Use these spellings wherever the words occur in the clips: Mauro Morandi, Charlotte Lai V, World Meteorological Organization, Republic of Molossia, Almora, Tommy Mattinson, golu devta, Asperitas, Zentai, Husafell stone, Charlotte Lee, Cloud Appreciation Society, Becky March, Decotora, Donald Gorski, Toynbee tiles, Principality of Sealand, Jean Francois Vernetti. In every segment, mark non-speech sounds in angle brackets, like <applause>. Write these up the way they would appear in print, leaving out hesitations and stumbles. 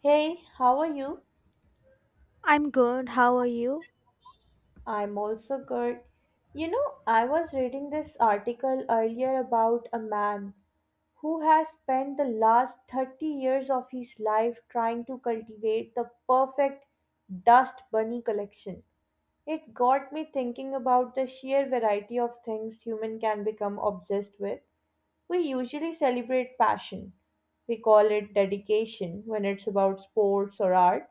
Hey, how are you? I'm good. How are you? I'm also good. You know, I was reading this article earlier about a man who has spent the last 30 years of his life trying to cultivate the perfect dust bunny collection. It got me thinking about the sheer variety of things human can become obsessed with. We usually celebrate passion. We call it dedication when it's about sports or art,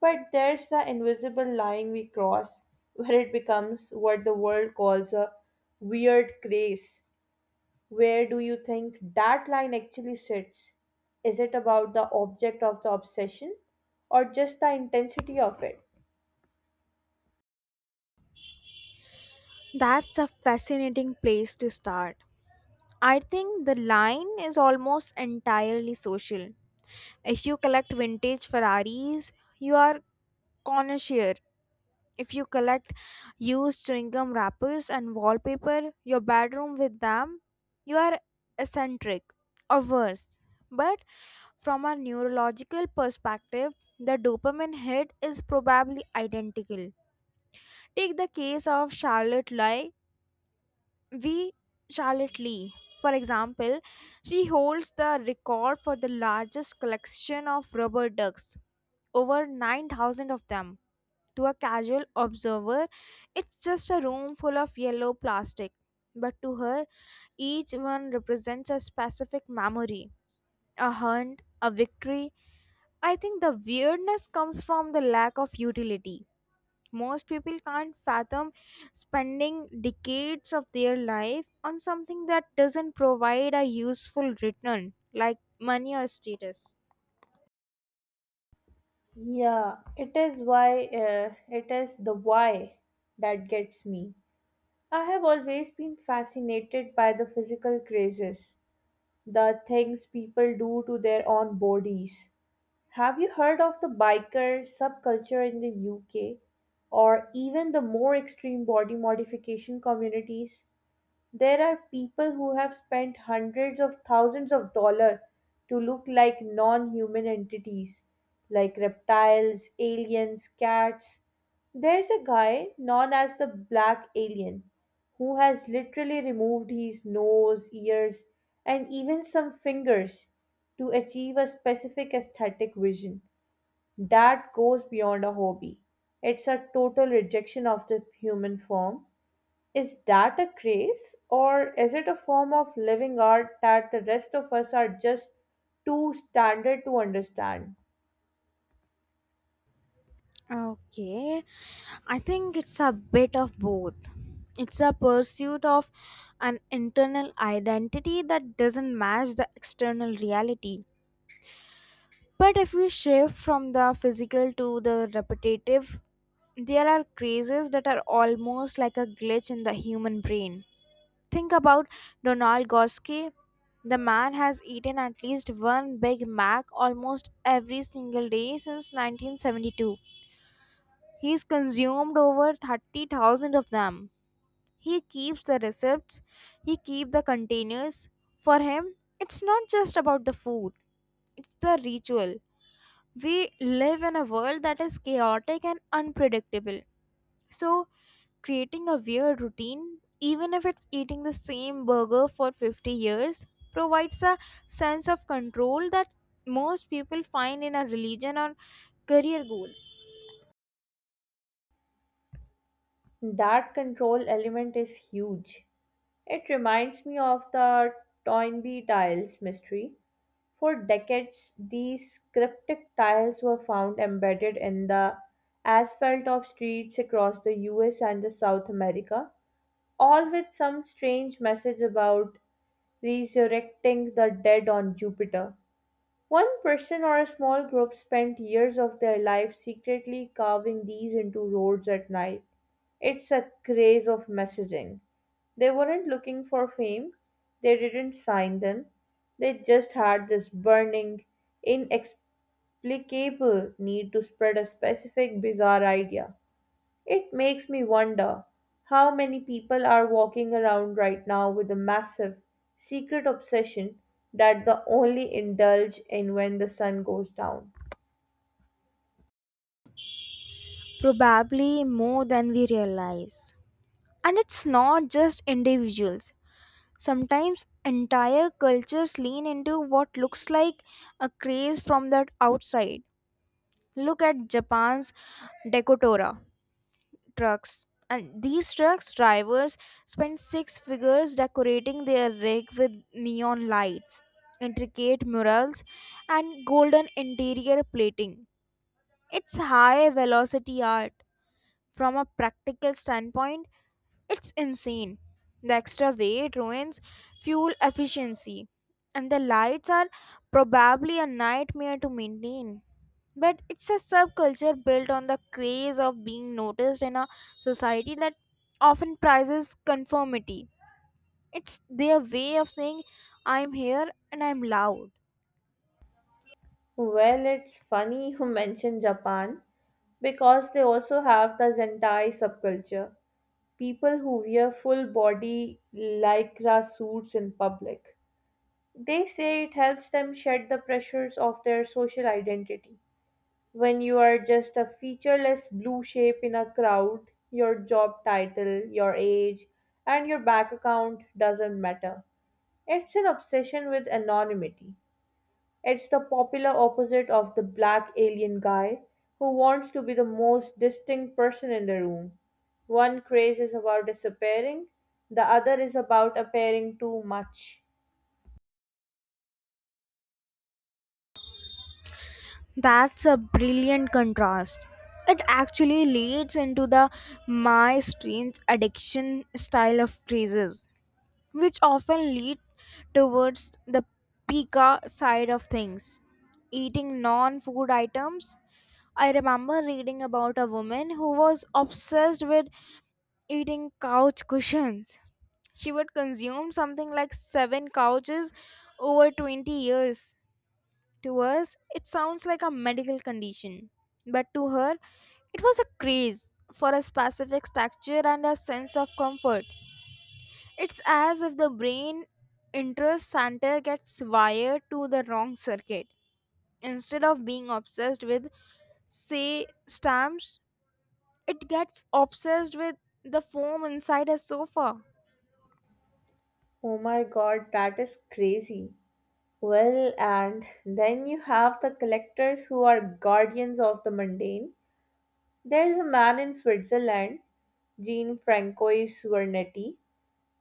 but there's the invisible line we cross where it becomes what the world calls a weird craze. Where do you think that line actually sits? Is it about the object of the obsession or just the intensity of it? That's a fascinating place to start. I think the line is almost entirely social. If you collect vintage Ferraris, you are connoisseur. If you collect used chewing gum wrappers and wallpaper, your bedroom with them, you are eccentric or worse. But from a neurological perspective, the dopamine hit is probably identical. Take the case of Charlotte Lai V. Charlotte Lee, for example, she holds the record for the largest collection of rubber ducks, over 9,000 of them. To a casual observer, it's just a room full of yellow plastic. But to her, each one represents a specific memory, a hunt, a victory. I think the weirdness comes from the lack of utility. Most people can't fathom spending decades of their life on something that doesn't provide a useful return, like money or status. Yeah, it is why it is the why that gets me. I have always been fascinated by the physical crazes, the things people do to their own bodies. Have you heard of the biker subculture in the UK or even the more extreme body modification communities? There are people who have spent hundreds of thousands of dollars to look like non human entities, like reptiles, aliens, cats. There's a guy known as the Black Alien who has literally removed his nose, ears, and even some fingers to achieve a specific aesthetic vision that goes beyond a hobby. It's a total rejection of the human form. Is that a craze, or is it a form of living art that the rest of us are just too standard to understand? Okay, I think it's a bit of both. It's a pursuit of an internal identity that doesn't match the external reality. But if we shift from the physical to the repetitive, there are crazes that are almost like a glitch in the human brain. Think about Donald Gorski. The man has eaten at least one Big Mac almost every single day since 1972. He's consumed over 30,000 of them. He keeps the receipts, he keeps the containers. For him, it's not just about the food, it's the ritual. We live in a world that is chaotic and unpredictable. So, creating a weird routine, even if it's eating the same burger for 50 years, provides a sense of control that most people find in a religion or career goals. That control element is huge. It reminds me of the Toynbee tiles mystery. For decades, these cryptic tiles were found embedded in the asphalt of streets across the US and the South America, all with some strange message about resurrecting the dead on Jupiter. One person or a small group spent years of their life secretly carving these into roads at night. It's a craze of messaging. They weren't looking for fame, they didn't sign them, they just had this burning, inexplicable need to spread a specific bizarre idea. It makes me wonder how many people are walking around right now with a massive secret obsession that they only indulge in when the sun goes down. Probably more than we realize. And it's not just individuals. Sometimes entire cultures lean into what looks like a craze from the outside. Look at Japan's Decotora trucks, and these trucks drivers spend six figures decorating their rig with neon lights, intricate murals, and golden interior plating. It's high velocity art. From a practical standpoint, it's insane. The extra weight ruins fuel efficiency, and the lights are probably a nightmare to maintain. But it's a subculture built on the craze of being noticed in a society that often prizes conformity. It's their way of saying, I'm here and I'm loud. Well, it's funny you <laughs> mention Japan because they also have the Zentai subculture, people who wear full body lycra suits in public. They say it helps them shed the pressures of their social identity. When you are just a featureless blue shape in a crowd, your job title, your age, and your bank account doesn't matter. It's an obsession with anonymity. It's the popular opposite of the black alien guy who wants to be the most distinct person in the room. One craze is about disappearing, the other is about appearing too much. That's a brilliant contrast. It actually leads into the my strange addiction style of crazes, which often lead towards the pika side of things. Eating non food items. I remember reading about a woman who was obsessed with eating couch cushions. She would consume something like seven couches over 20 years. To us, it sounds like a medical condition, but to her, it was a craze for a specific texture and a sense of comfort. It's as if the brain interest center gets wired to the wrong circuit. Instead of being obsessed with, say, stamps, it gets obsessed with the foam inside a sofa. Oh my god, that is crazy. Well, and then you have the collectors who are guardians of the mundane. There's a man in Switzerland, Jean Francois Vernetti,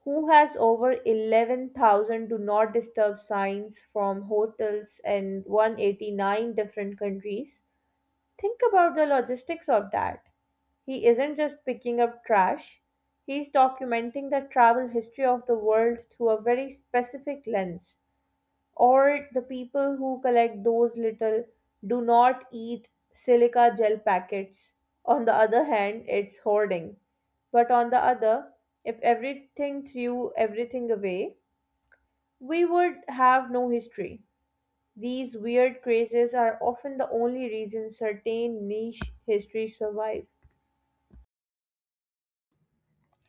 who has over 11,000 do not disturb signs from hotels in 189 different countries. Think about the logistics of that. He isn't just picking up trash, he's documenting the travel history of the world through a very specific lens, or the people who collect those little do not eat silica gel packets. On the other hand, it's hoarding. But on the other, if everything threw everything away, we would have no history. These weird crazes are often the only reason certain niche histories survive.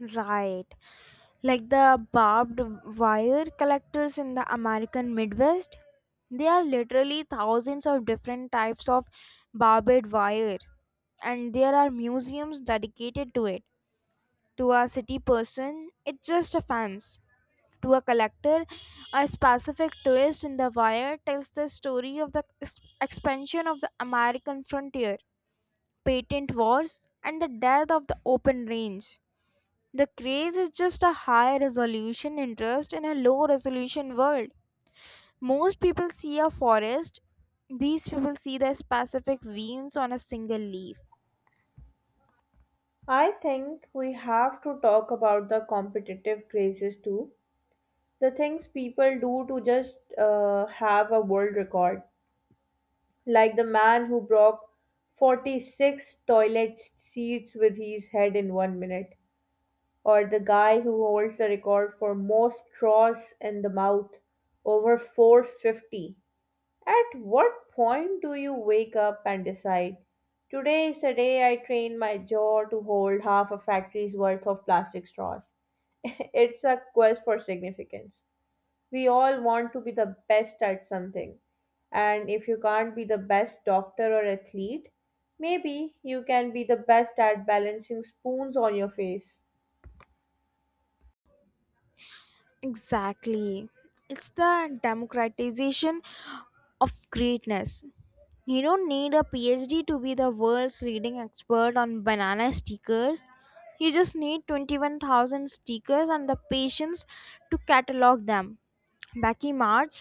Right. Like the barbed wire collectors in the American Midwest. There are literally thousands of different types of barbed wire, and there are museums dedicated to it. To a city person, it's just a fence. To a collector, a specific twist in the wire tells the story of the expansion of the American frontier, patent wars, and the death of the open range. The craze is just a high resolution interest in a low resolution world. Most people see a forest, these people see the specific veins on a single leaf. I think we have to talk about the competitive crazes too. The things people do to just have a world record, like the man who broke 46 toilet seats with his head in 1 minute, or the guy who holds the record for most straws in the mouth, over 450. At what point do you wake up and decide, today is the day I train my jaw to hold half a factory's worth of plastic straws? <laughs> It's a quest for significance. We all want to be the best at something. And if you can't be the best doctor or athlete, maybe you can be the best at balancing spoons on your face. Exactly. It's the democratization of greatness. You don't need a PhD to be the world's leading expert on banana stickers. You just need 21,000 stickers and the patience to catalog them. Becky March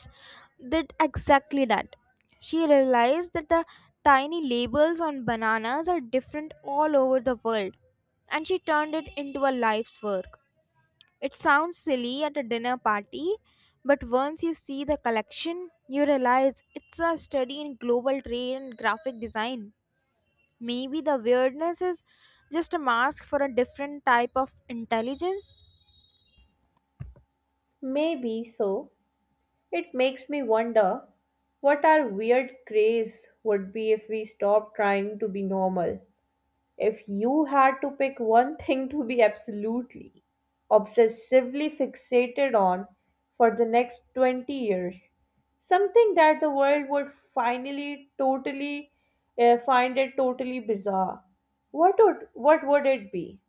did exactly that. She realized that the tiny labels on bananas are different all over the world, and she turned it into a life's work. It sounds silly at a dinner party, but once you see the collection, you realize it's a study in global trade and graphic design. Maybe the weirdness is just a mask for a different type of intelligence. Maybe so. It makes me wonder what our weird craze would be if we stopped trying to be normal. If you had to pick one thing to be absolutely, obsessively fixated on for the next 20 years, something that the world would finally totally find it totally bizarre, what would it be?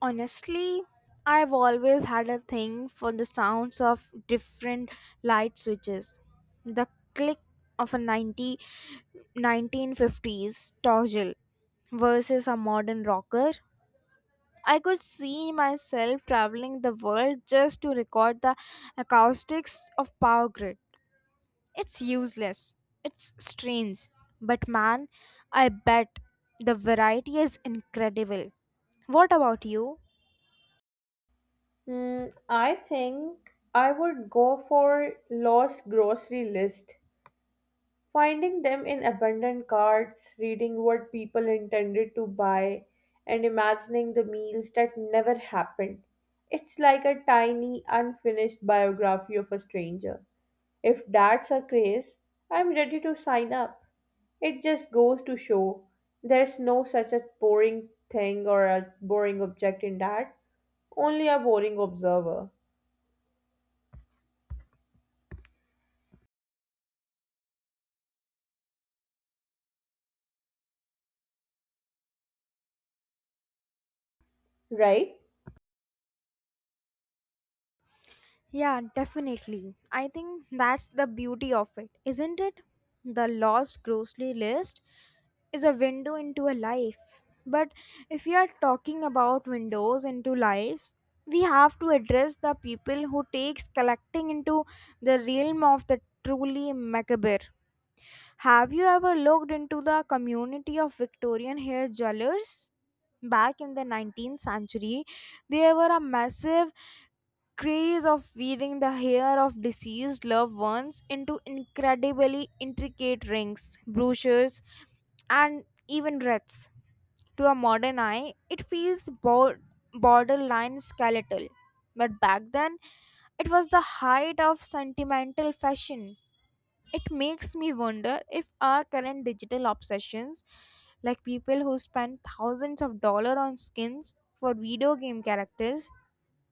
Honestly, I've always had a thing for the sounds of different light switches. The click of a ninety 1950s toggle versus a modern rocker. I could see myself traveling the world just to record the acoustics of power grid. It's useless. It's strange. But man, I bet the variety is incredible. What about you? Hmm, I think I would go for lost grocery list. Finding them in abandoned carts, reading what people intended to buy, and imagining the meals that never happened. It's like a tiny, unfinished biography of a stranger. If that's a craze, I'm ready to sign up. It just goes to show there's no such a boring thing or a boring object in that, only a boring observer, right? Yeah, definitely. I think that's the beauty of it, isn't it? The lost grocery list is a window into a life. But if we are talking about windows into lives, we have to address the people who takes collecting into the realm of the truly macabre. Have you ever looked into the community of Victorian hair jewelers? Back in the 19th century, there were a massive craze of weaving the hair of deceased loved ones into incredibly intricate rings, brooches, and even wreaths. To a modern eye, it feels borderline skeletal. But back then, it was the height of sentimental fashion. It makes me wonder if our current digital obsessions, like people who spend thousands of dollars on skins for video game characters,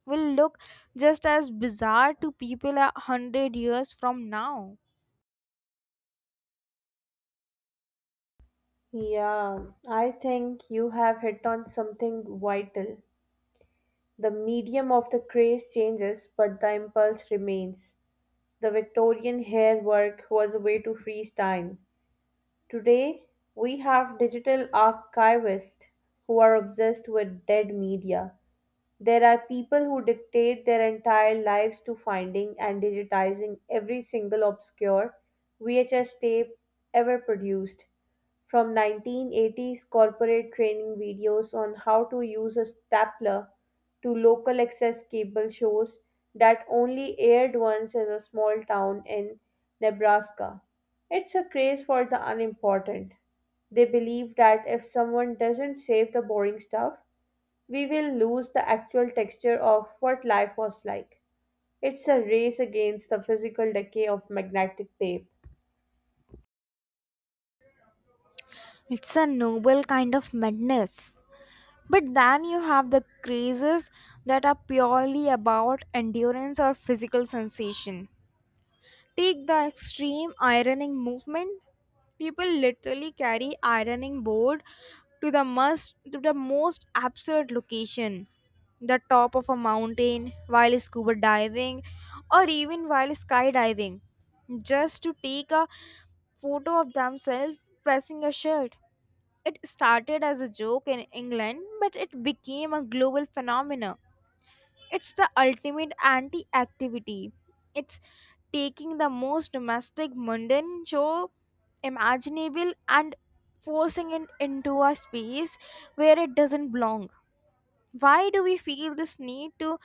will look just as bizarre to people 100 years from now. Yeah, I think you have hit on something vital. The medium of the craze changes, but the impulse remains. The Victorian hair work was a way to freeze time. Today, we have digital archivists who are obsessed with dead media. There are people who dictate their entire lives to finding and digitizing every single obscure VHS tape ever produced, from 1980s corporate training videos on how to use a stapler to local access cable shows that only aired once as a small town in Nebraska. It's a craze for the unimportant. They believe that if someone doesn't save the boring stuff, we will lose the actual texture of what life was like. It's a race against the physical decay of magnetic tape. It's a noble kind of madness. But then you have the crazes that are purely about endurance or physical sensation. Take the extreme ironing movement. People literally carry ironing board to the most absurd location, the top of a mountain, while scuba diving or even while skydiving, just to take a photo of themselves pressing a shirt. It started as a joke in England, but it became a global phenomenon. It's the ultimate anti activity. It's taking the most domestic, mundane show imaginable and forcing it into a space where it doesn't belong. Why do we feel this need to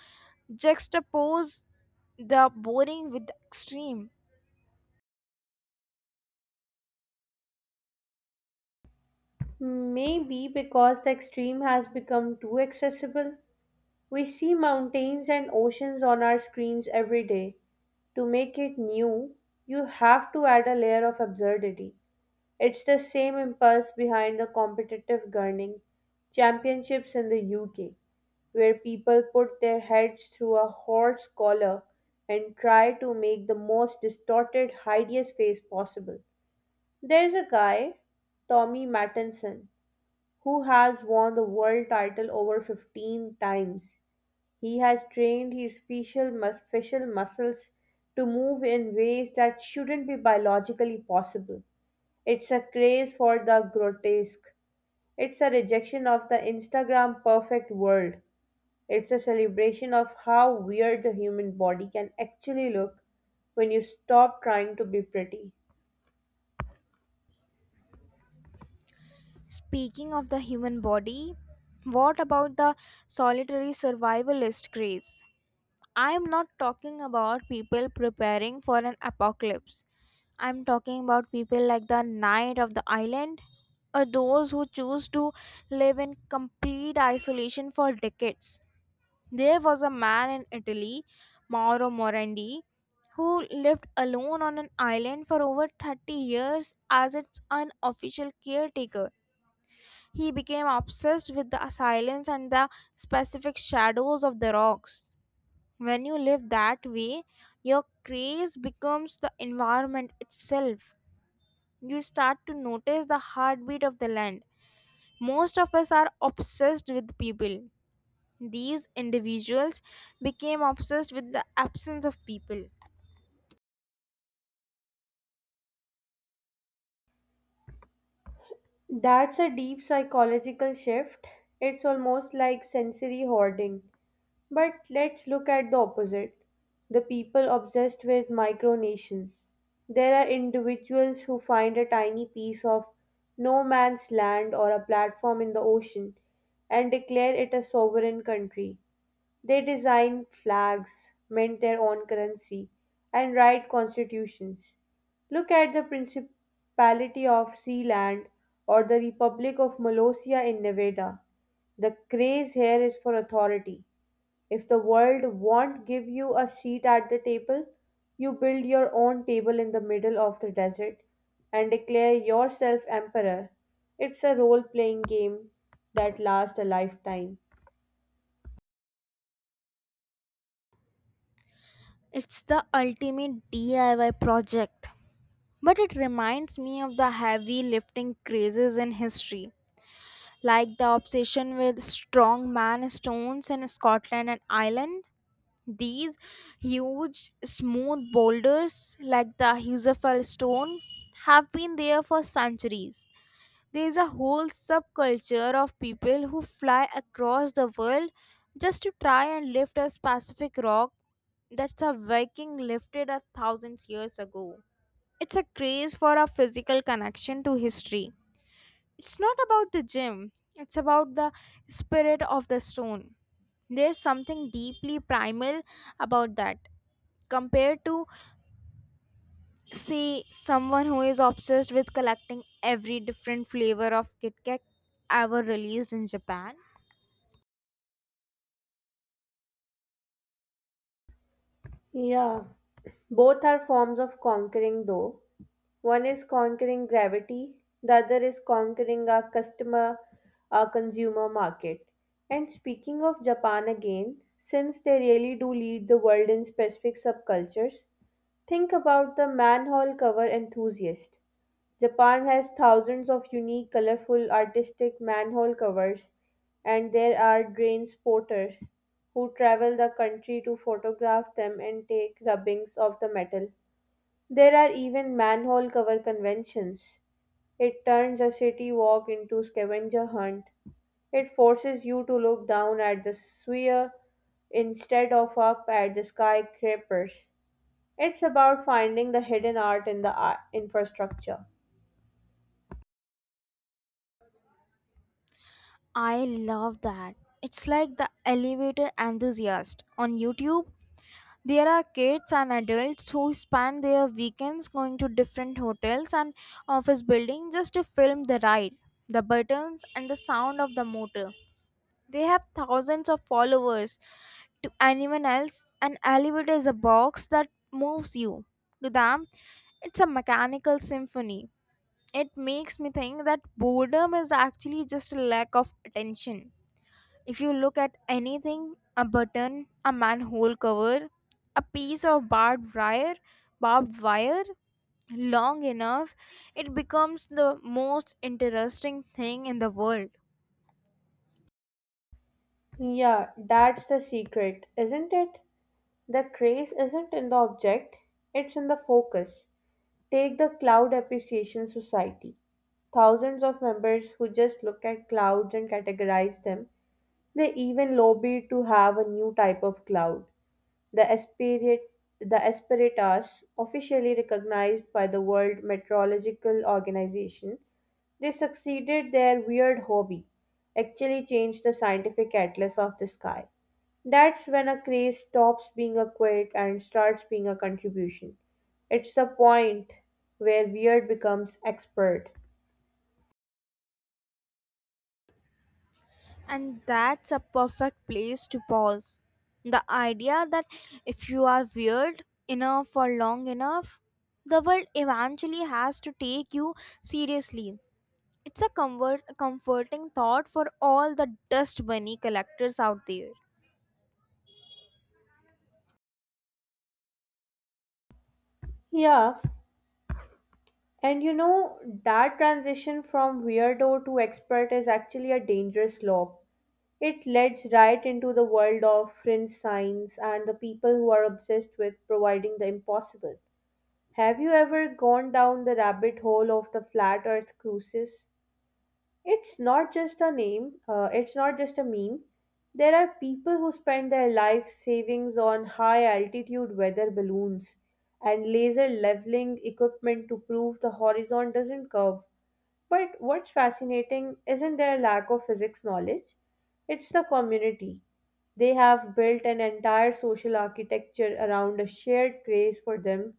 juxtapose the boring with the extreme? Maybe because the extreme has become too accessible, we see mountains and oceans on our screens every day. To make it new, you have to add a layer of absurdity. It's the same impulse behind the competitive gardening championships in the UK, where people put their heads through a horse collar and try to make the most distorted, hideous face possible. There's a guy, Tommy Mattinson, who has won the world title over 15 times. He has trained his facial muscles to move in ways that shouldn't be biologically possible. It's a craze for the grotesque. It's a rejection of the Instagram perfect world. It's a celebration of how weird the human body can actually look when you stop trying to be pretty. Speaking of the human body, what about the solitary survivalist craze? I am not talking about people preparing for an apocalypse. I'm talking about people like the Knight of the Island or those who choose to live in complete isolation for decades. There was a man in Italy, Mauro Morandi, who lived alone on an island for over 30 years as its unofficial caretaker. He became obsessed with the silence and the specific shadows of the rocks. When you live that way, your craze becomes the environment itself. You start to notice the heartbeat of the land. Most of us are obsessed with people. These individuals became obsessed with the absence of people. That's a deep psychological shift. It's almost like sensory hoarding. But let's look at the opposite, the people obsessed with micronations. There are individuals who find a tiny piece of no man's land or a platform in the ocean and declare it a sovereign country. They design flags, mint their own currency, and write constitutions. Look at the Principality of Sealand or the Republic of Molossia in Nevada. The craze here is for authority. If the world won't give you a seat at the table, you build your own table in the middle of the desert and declare yourself emperor. It's a role playing game that lasts a lifetime. It's the ultimate DIY project. But it reminds me of the heavy lifting crazes in history, like the obsession with strongman stones in Scotland and Ireland. These huge, smooth boulders, like the Husafell stone, have been there for centuries. There is a whole subculture of people who fly across the world just to try and lift a specific rock that a Viking lifted a thousand years ago. It's a craze for a physical connection to history. It's not about the gym, it's about the spirit of the stone. There's something deeply primal about that compared to say someone who is obsessed with collecting every different flavor of Kit Kat ever released in Japan. Yeah, both are forms of conquering, though. One is conquering gravity, the other is conquering our customer, our consumer market. And speaking of Japan again, since they really do lead the world in specific subcultures, think about the manhole cover enthusiast. Japan has thousands of unique, colorful, artistic manhole covers, and there are drain spotters who travel the country to photograph them and take rubbings of the metal. There are even manhole cover conventions. It turns a city walk into scavenger hunt. It forces you to look down at the sphere instead of up at the skyscrapers. It's about finding the hidden art in the art infrastructure. I love that. It's like the elevator enthusiast on YouTube. There are kids and adults who spend their weekends going to different hotels and office buildings just to film the ride, the buttons, and the sound of the motor. They have thousands of followers. To anyone else, an elevator is a box that moves you. To them, it's a mechanical symphony. It makes me think that boredom is actually just a lack of attention. If you look at anything, a button, a manhole cover, a piece of barbed wire long enough, it becomes the most interesting thing in the world. Yeah, that's the secret, isn't it? The craze isn't in the object, it's in the focus. Take the Cloud Appreciation Society. Thousands of members who just look at clouds and categorize them. They even lobbied to have a new type of cloud. The Aspirit the Asperitas, officially recognized by the World Meteorological Organization, they succeeded their weird hobby, actually changed the scientific atlas of the sky. That's when a craze stops being a quirk and starts being a contribution. It's the point where weird becomes expert. And that's a perfect place to pause. The idea that if you are weird enough for long enough, the world eventually has to take you seriously. It's a comforting thought for all the dust bunny collectors out there. Yeah, and you know, that transition from weirdo to expert is actually a dangerous slope. It leads right into the world of fringe science and the people who are obsessed with providing the impossible. Have you ever gone down the rabbit hole of the flat earth cruises? It's not just a meme. There are people who spend their life savings on high altitude weather balloons and laser leveling equipment to prove the horizon doesn't curve. But what's fascinating isn't their lack of physics knowledge, it's the community. They have built an entire social architecture around a shared craze for them.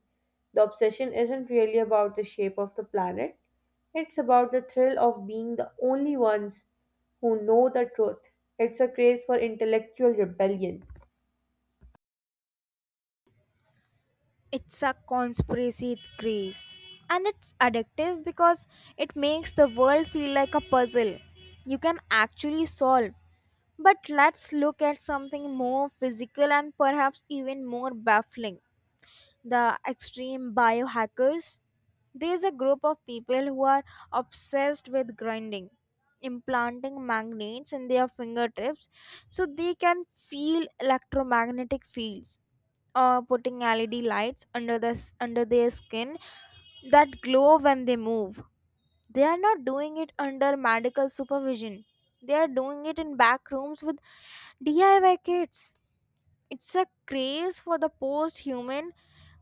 The obsession isn't really about the shape of the planet, it's about the thrill of being the only ones who know the truth. It's a craze for intellectual rebellion. It's a conspiracy craze. And it's addictive because it makes the world feel like a puzzle you can actually solve. But let's look at something more physical and perhaps even more baffling, the extreme biohackers. There's a group of people who are obsessed with grinding, implanting magnets in their fingertips so they can feel electromagnetic fields, or putting LED lights under their skin that glow when they move. They are not doing it under medical supervision. They are doing it in back rooms with DIY kits. It's a craze for the post human.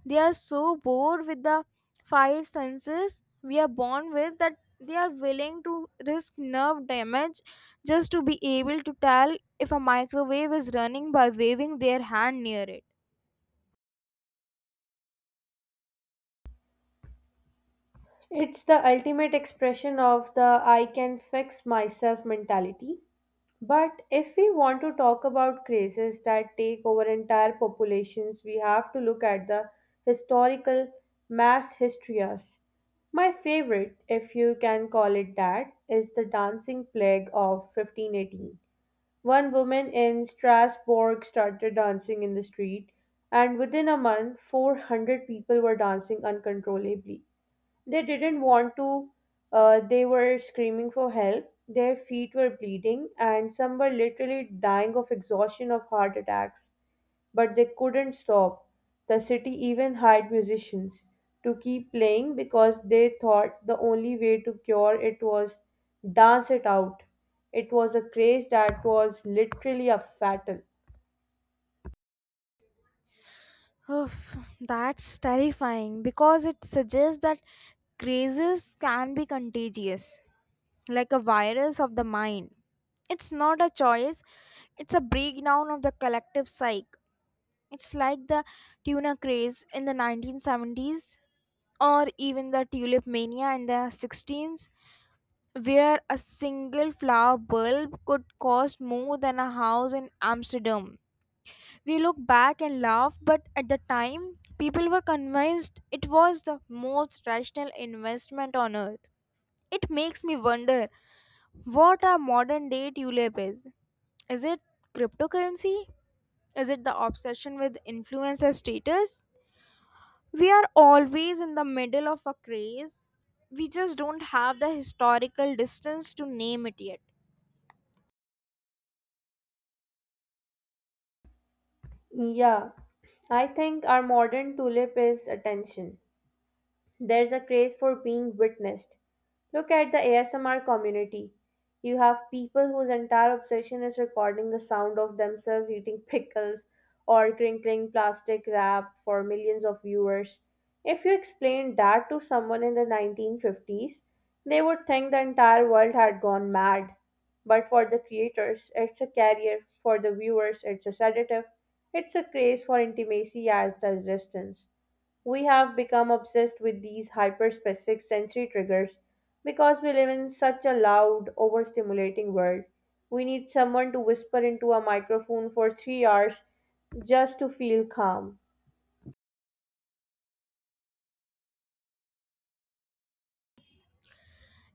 They are so bored with the five senses we are born with that they are willing to risk nerve damage just to be able to tell if a microwave is running by waving their hand near it. It's the ultimate expression of the I can fix myself mentality. But if we want to talk about crazes that take over entire populations, we have to look at the historical mass hysterias. My favorite, if you can call it that, is the dancing plague of 1518. One woman in Strasbourg started dancing in the street, and within a month, 400 people were dancing uncontrollably. They didn't want to, they were screaming for help. Their feet were bleeding, and some were literally dying of exhaustion of heart attacks. But they couldn't stop. The city even hired musicians to keep playing because they thought the only way to cure it was dance it out. It was a craze that was literally a fatal. Oof, that's terrifying because it suggests that crazes can be contagious, like a virus of the mind. It's not a choice, it's a breakdown of the collective psyche. It's like the tuna craze in the 1970s, or even the tulip mania in the 16s, where a single flower bulb could cost more than a house in Amsterdam. We look back and laugh, but at the time, people were convinced it was the most rational investment on earth. It makes me wonder what our modern day tulip is. Is it cryptocurrency? Is it the obsession with influencer status? We are always in the middle of a craze. We just don't have the historical distance to name it yet. Yeah, I think our modern tulip is attention. There's a craze for being witnessed. Look at the ASMR community. You have people whose entire obsession is recording the sound of themselves eating pickles or crinkling plastic wrap for millions of viewers. If you explained that to someone in the 1950s, they would think the entire world had gone mad. But for the creators, it's a career. For the viewers, it's a sedative. It's a craze for intimacy as the resistance. We have become obsessed with these hyper specific sensory triggers because we live in such a loud, overstimulating world. We need someone to whisper into a microphone for 3 hours just to feel calm.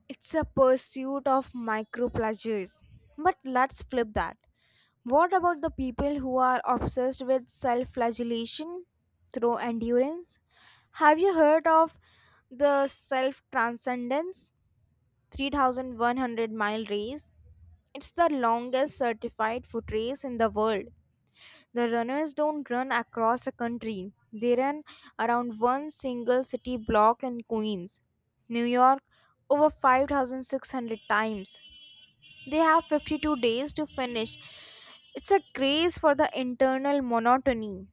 It's a pursuit of micro pleasures. But let's flip that. What about the people who are obsessed with self flagellation through endurance? Have you heard of the self transcendence 3100-mile race? It's the longest certified foot race in the world. The runners don't run across a country, they run around one single city block in Queens, New York, over 5,600 times. They have 52 days to finish. It's a craze for the internal monotony.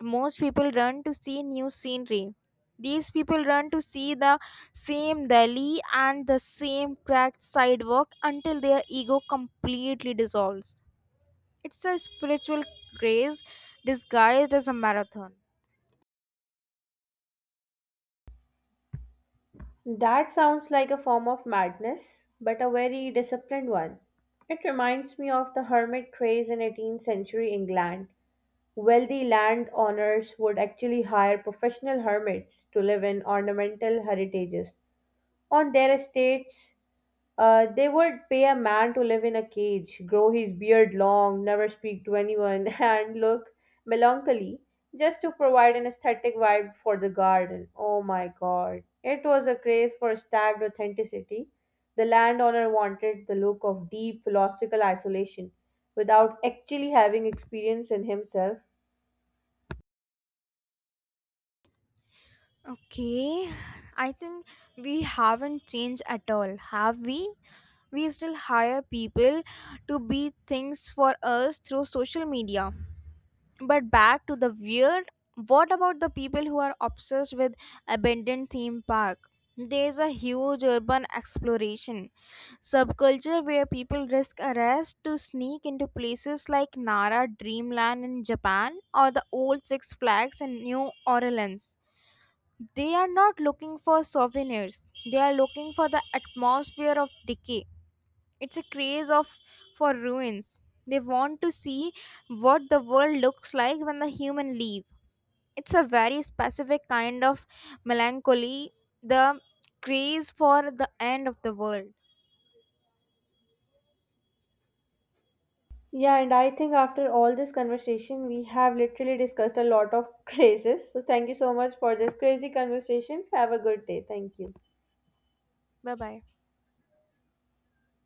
Most people run to see new scenery. These people run to see the same Delhi and the same cracked sidewalk until their ego completely dissolves. It's a spiritual craze disguised as a marathon. That sounds like a form of madness, but a very disciplined one. It reminds me of the hermit craze in 18th century England. Wealthy landowners would actually hire professional hermits to live in ornamental heritages on their estates. They would pay a man to live in a cage, grow his beard long, never speak to anyone, <laughs> and look melancholy just to provide an aesthetic vibe for the garden. Oh my god. It was a craze for stagged authenticity. The landowner wanted the look of deep philosophical isolation without actually having experience in himself. Okay, I think we haven't changed at all, have we? We still hire people to be things for us through social media. But back to the weird, what about the people who are obsessed with abandoned theme park? There is a huge urban exploration subculture where people risk arrest to sneak into places like Nara Dreamland in Japan or the old Six Flags in New Orleans. They are not looking for souvenirs, they are looking for the atmosphere of decay. It's a craze of for ruins. They want to see what the world looks like when the human leave. It's a very specific kind of melancholy, the craze for the end of the world. Yeah, and I think after all this conversation, we have literally discussed a lot of <laughs> crazes. So, thank you so much for this crazy conversation. Have a good day. Thank you. Bye bye.